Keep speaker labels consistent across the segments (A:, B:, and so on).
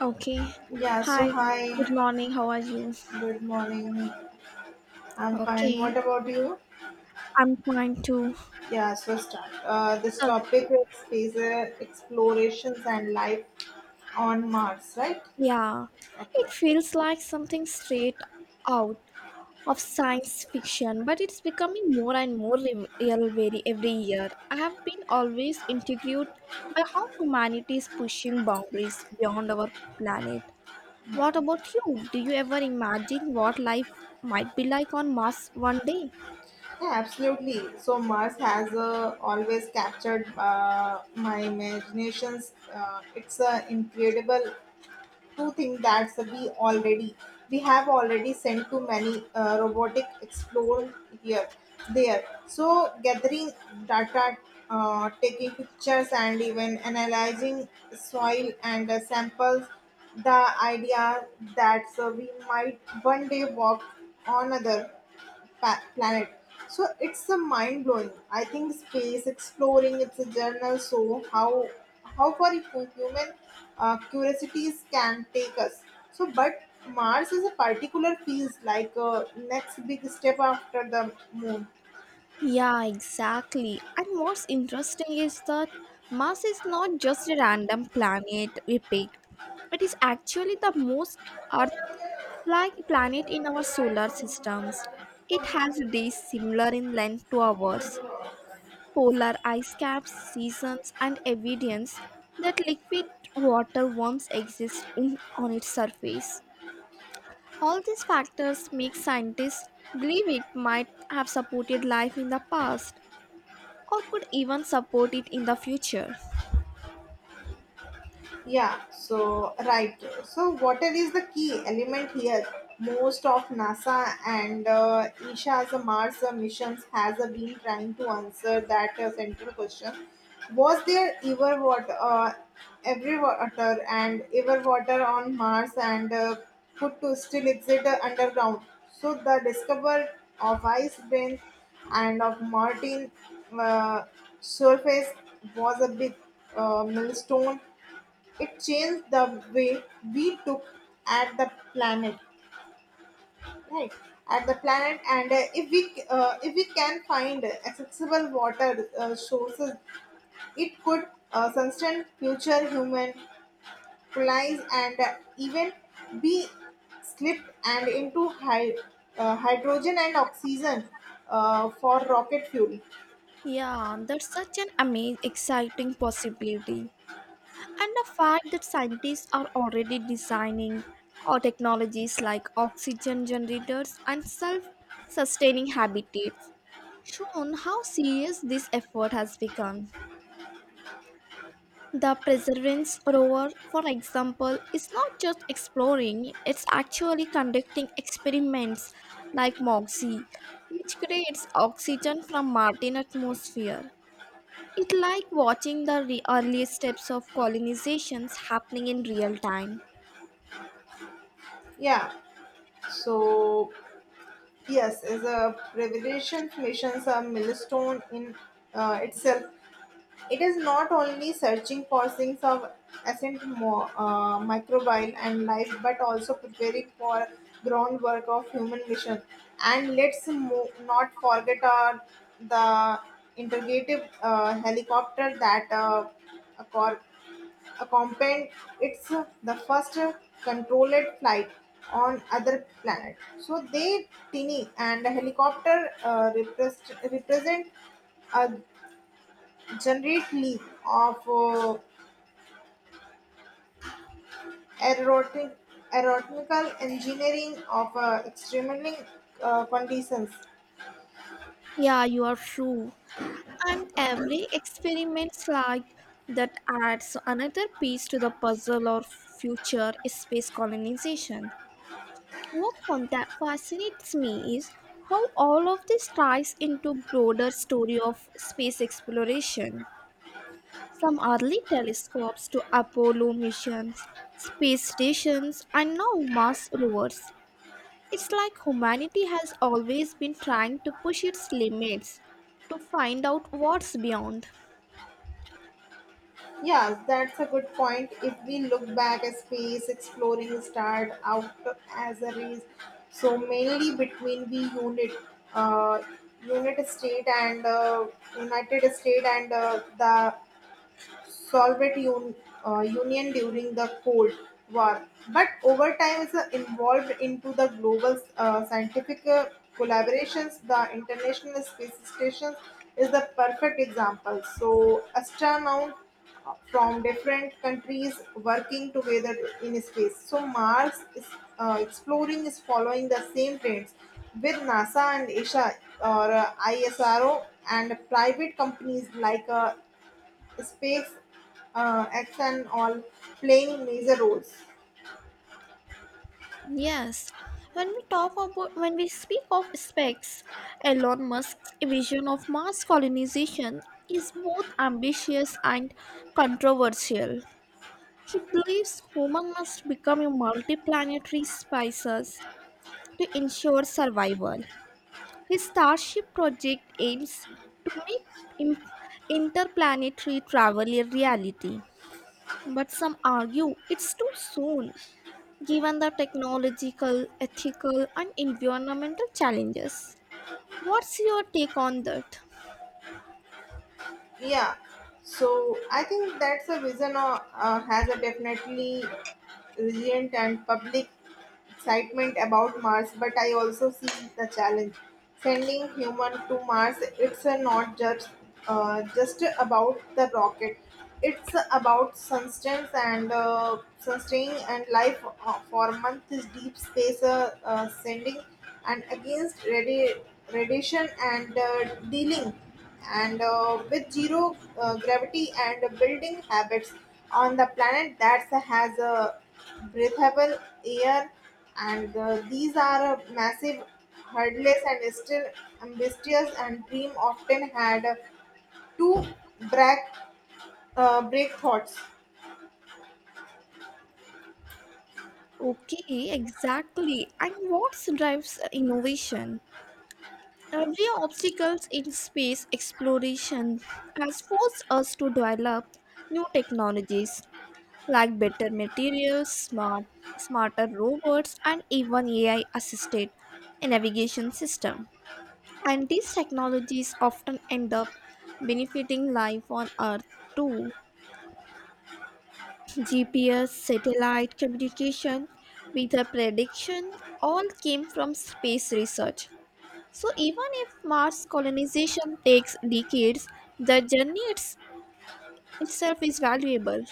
A: Okay.
B: Yeah, so
A: Hi.
B: hi,
A: Good morning. How are you?
B: good morning. I'm fine.
A: Okay.
B: What about you?
A: I'm fine too.
B: Yeah, so start. This
A: Okay.
B: topic is space explorations and life on Mars, right?
A: Yeah. It
B: Okay.
A: feels like something straight out of science fiction, but it's becoming more and more real very every year. I have been always intrigued by how humanity is pushing boundaries beyond our planet. What about you? Do you ever imagine what life might be like on Mars one day?
B: Yeah, absolutely. So Mars has always captured my imaginations. It's incredible to think that we have already sent too many robotic explorer here there so gathering data, taking pictures and even analyzing soil and samples, the idea that we might one day walk on other planet. So it's a mind blowing. I think space exploring it's a journal. So how far human curiosities can take us. So but Mars is a particular feels like a next big step after the moon.
A: Yeah, exactly. And what's interesting is that Mars is not just a random planet we picked, it is actually the most Earth like planet in our solar systems. It has days similar in length to ours, polar ice caps, seasons, and evidence that liquid water once exists in, on its surface. All these factors make scientists believe it might have supported life in the past or could even support it in the future.
B: Yeah, so right. So water is the key element here. Most of NASA and ISA's Mars missions has been trying to answer that central question. Was there ever water, ever water on Mars and could to still exist underground? So the discovery of ice bank and of Martin uh, surface was a big milestone, it changed the way we took at the planet, right? At the planet, and if we can find accessible water sources, it could sustain future human colonies and even be slipped and into hydrogen and oxygen for rocket fuel.
A: Yeah, that's such an amazing, exciting possibility. And the fact that scientists are already designing or technologies like oxygen generators and self sustaining habitats shown how serious this effort has become. The perseverance rover, for example, is not just exploring, it's actually conducting experiments like MOXIE, which creates oxygen from Martian atmosphere. It's like watching the early steps of colonizations happening in real time.
B: Yeah. So yes, is a revolution missions a milestone in itself. It is not only searching for things of ascent microbial and life, but also preparing for groundwork of human mission. And let's not forget our, the integrative helicopter that uh, accor- accompanied its the first controlled flight on other planet. So they tiny and helicopter uh, represent a generate of aerotic, aeronautical engineering of extremely conditions.
A: Yeah, you are true. And every experiment like that adds another piece to the puzzle or future space colonization. What fun that fascinates me is how all of this ties into broader story of space exploration. From early telescopes to Apollo missions, space stations, and now Mars rovers. It's like humanity has always been trying to push its limits to find out what's beyond.
B: Yeah, that's a good point. If we look back at space exploring started out as a race, so mainly between the unit, uh, unit state and United States and the Soviet Union during the Cold War, but over time is involved into the global scientific collaborations. The International Space Station is the perfect example. So astronauts from different countries working together in space. So Mars is, exploring is following the same trends with NASA and ISA or ISRO and private companies like Space, acts, and all playing major roles.
A: Yes, when we speak of specs, Elon Musk's vision of Mars colonization is both ambitious and controversial. He believes humans must become a multiplanetary species to ensure survival. His Starship project aims to make im- interplanetary travel a reality, but some argue it's too soon given the technological, ethical, and environmental challenges. What's your take on that?
B: Yeah, so I think that's a vision has a definitely resilient and public excitement about Mars, but I also see the challenge. Sending human to Mars, it's not just about the rocket. It's about sustenance and sustaining and life for months. Is Deep space sending and against radiation and dealing and with zero gravity and building habits on the planet that has a breathable air and these are a massive hurdles and still ambitious and dream often had uh, two break break thoughts.
A: Okay, exactly. And what drives innovation? Every obstacles in space exploration has forced us to develop new technologies like better materials, smarter robots, and even AI-assisted navigation system. And these technologies often end up benefiting life on Earth too. GPS, satellite communication, weather prediction all came from space research. So even if Mars colonization takes decades, the itself is valuable.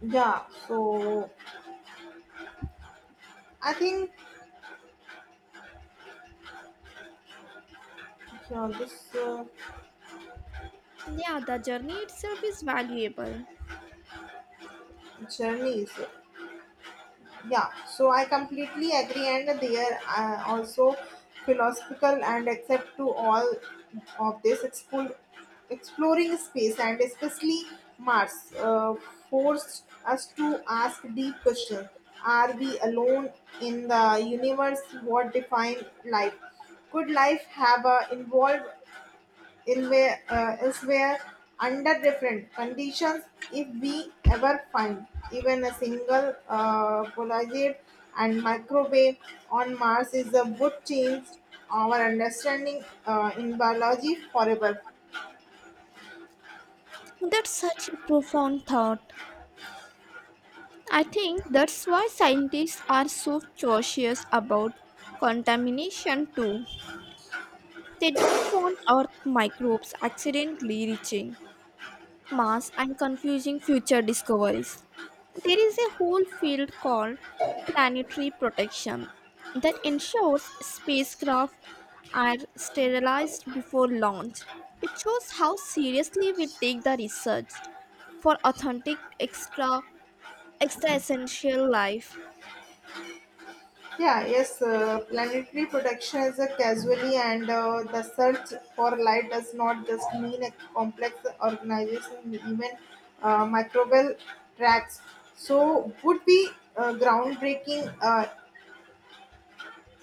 B: Yeah, so I think this
A: Yeah, the journey itself is valuable.
B: journey is. Yeah, so I completely agree, and they are also philosophical and accept to all of this exploring space and especially Mars forced us to ask deep questions. Are we alone in the universe? What define life? Could life have evolved in where, elsewhere under different conditions, if we ever find even a single polarized and microwave on Mars is a good change our understanding in biology forever.
A: That's such a profound thought. I think that's why scientists are so cautious about contamination too. They don't want Earth microbes accidentally reaching Mars and confusing future discoveries. There is a whole field called planetary protection that ensures spacecraft are sterilized before launch. It shows how seriously we take the research for authentic extra essential life.
B: Yeah, yes, planetary protection is a casualty, and the search for light does not just mean a complex organization, even microbial tracks. So, would be groundbreaking,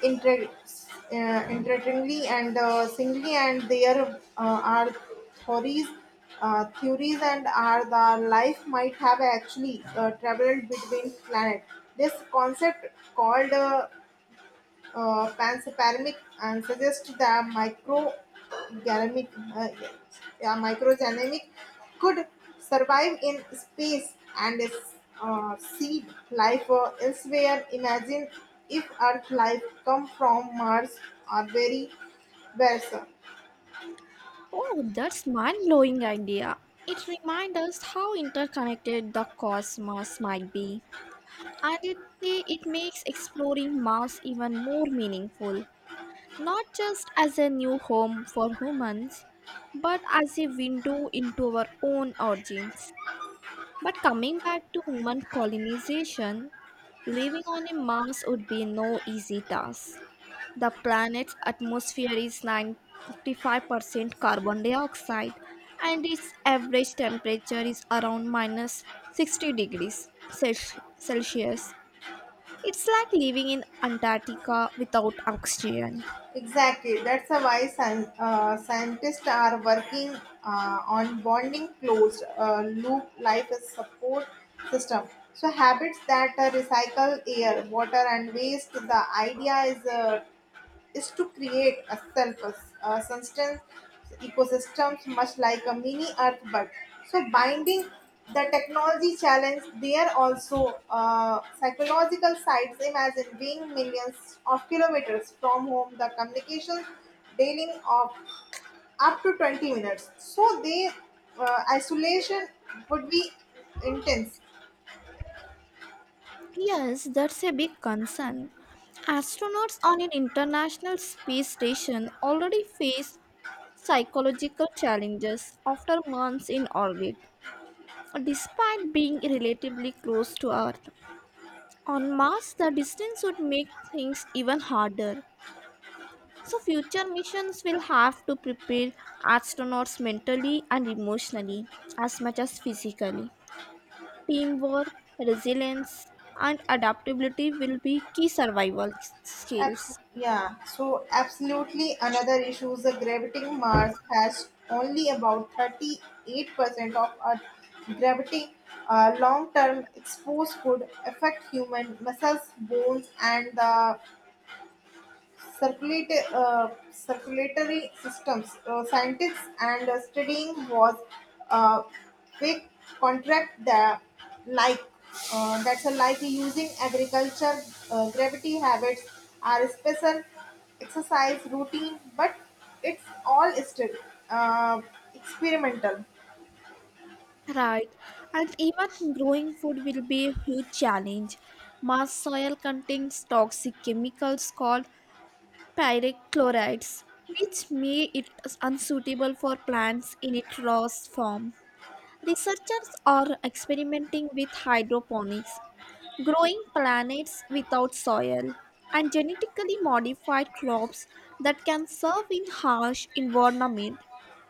B: inter- interestingly, and singly, and there are theories. Theories and are the life might have actually traveled between planets. This concept called panseparamic and suggest the microgalamic, uh, yeah, microgenamic could survive in space and seed life elsewhere. Imagine if Earth life come from Mars or very versa.
A: Oh, that's mind-blowing idea. It reminds us how interconnected the cosmos might be. And it makes exploring Mars even more meaningful, not just as a new home for humans, but as a window into our own origins. But coming back to human colonization, living on a Mars would be no easy task. The planet's atmosphere is 95% carbon dioxide and its average temperature is around minus 60 degrees Celsius. It's like living in Antarctica without oxygen.
B: Exactly. That's a why scientists are working on bonding closed loop life as support system. So habits that recycle air, water, and waste. The idea is to create a self sustenance ecosystems much like a mini earth but so binding the technology challenge, there are also psychological sides. Imagine being millions of kilometers from home, the communication daily of up to 20 minutes. So they isolation would be intense.
A: Yes, that's a big concern. Astronauts on an international space station already face psychological challenges after months in orbit. Despite being relatively close to Earth, on Mars the distance would make things even harder. So, future missions will have to prepare astronauts mentally and emotionally as much as physically. Teamwork, resilience, and adaptability will be key survival skills.
B: Yeah, so absolutely, another issue is the gravitating, Mars has only about 38% of Earth gravity. Long term exposure could affect human muscles, bones, and the circulatory systems. Scientists and studying was uh, big contract that like that's a like using agriculture gravity habits are special exercise routine, but it's all still uh, experimental.
A: Right, and even growing food will be a huge challenge. Mars soil contains toxic chemicals called pyrochlorides, which make it unsuitable for plants in its raw form. Researchers are experimenting with hydroponics growing planets without soil, and genetically modified crops that can survive in harsh environment.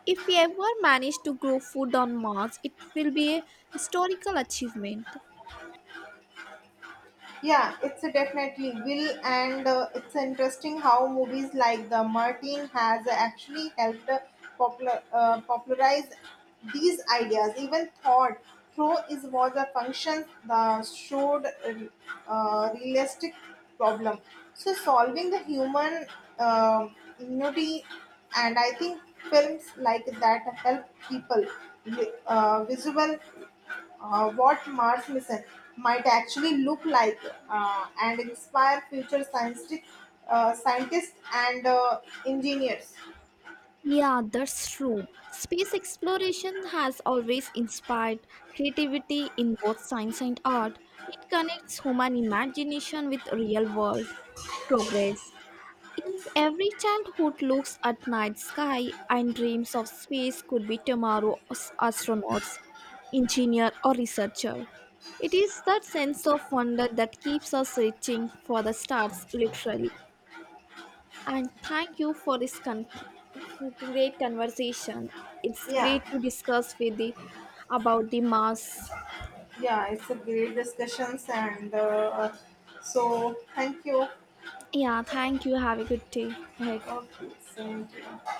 A: If we ever manage to grow food on Mars, it will be a historical achievement.
B: Yeah, it's a definitely will, and it's interesting how movies like the Martin has actually helped popularize these ideas. Even thought through is was a function that showed realistic problem. So solving the human uh, ingenuity, and I think films like that help people visual what Mars mission might actually look like and inspire future scientific scientists and engineers.
A: Yeah, that's true. Space exploration has always inspired creativity in both science and art. It connects human imagination with real world progress. If every childhood looks at night sky and dreams of space could be tomorrow's astronauts, engineer or researcher, it is that sense of wonder that keeps us reaching for the stars literally. And thank you for this great conversation. It's
B: Yeah,
A: great to discuss with the about the Mars.
B: yeah, it's a great discussions and so thank you.
A: Yeah, thank you. Have a good day ahead.
B: Okay, thank you.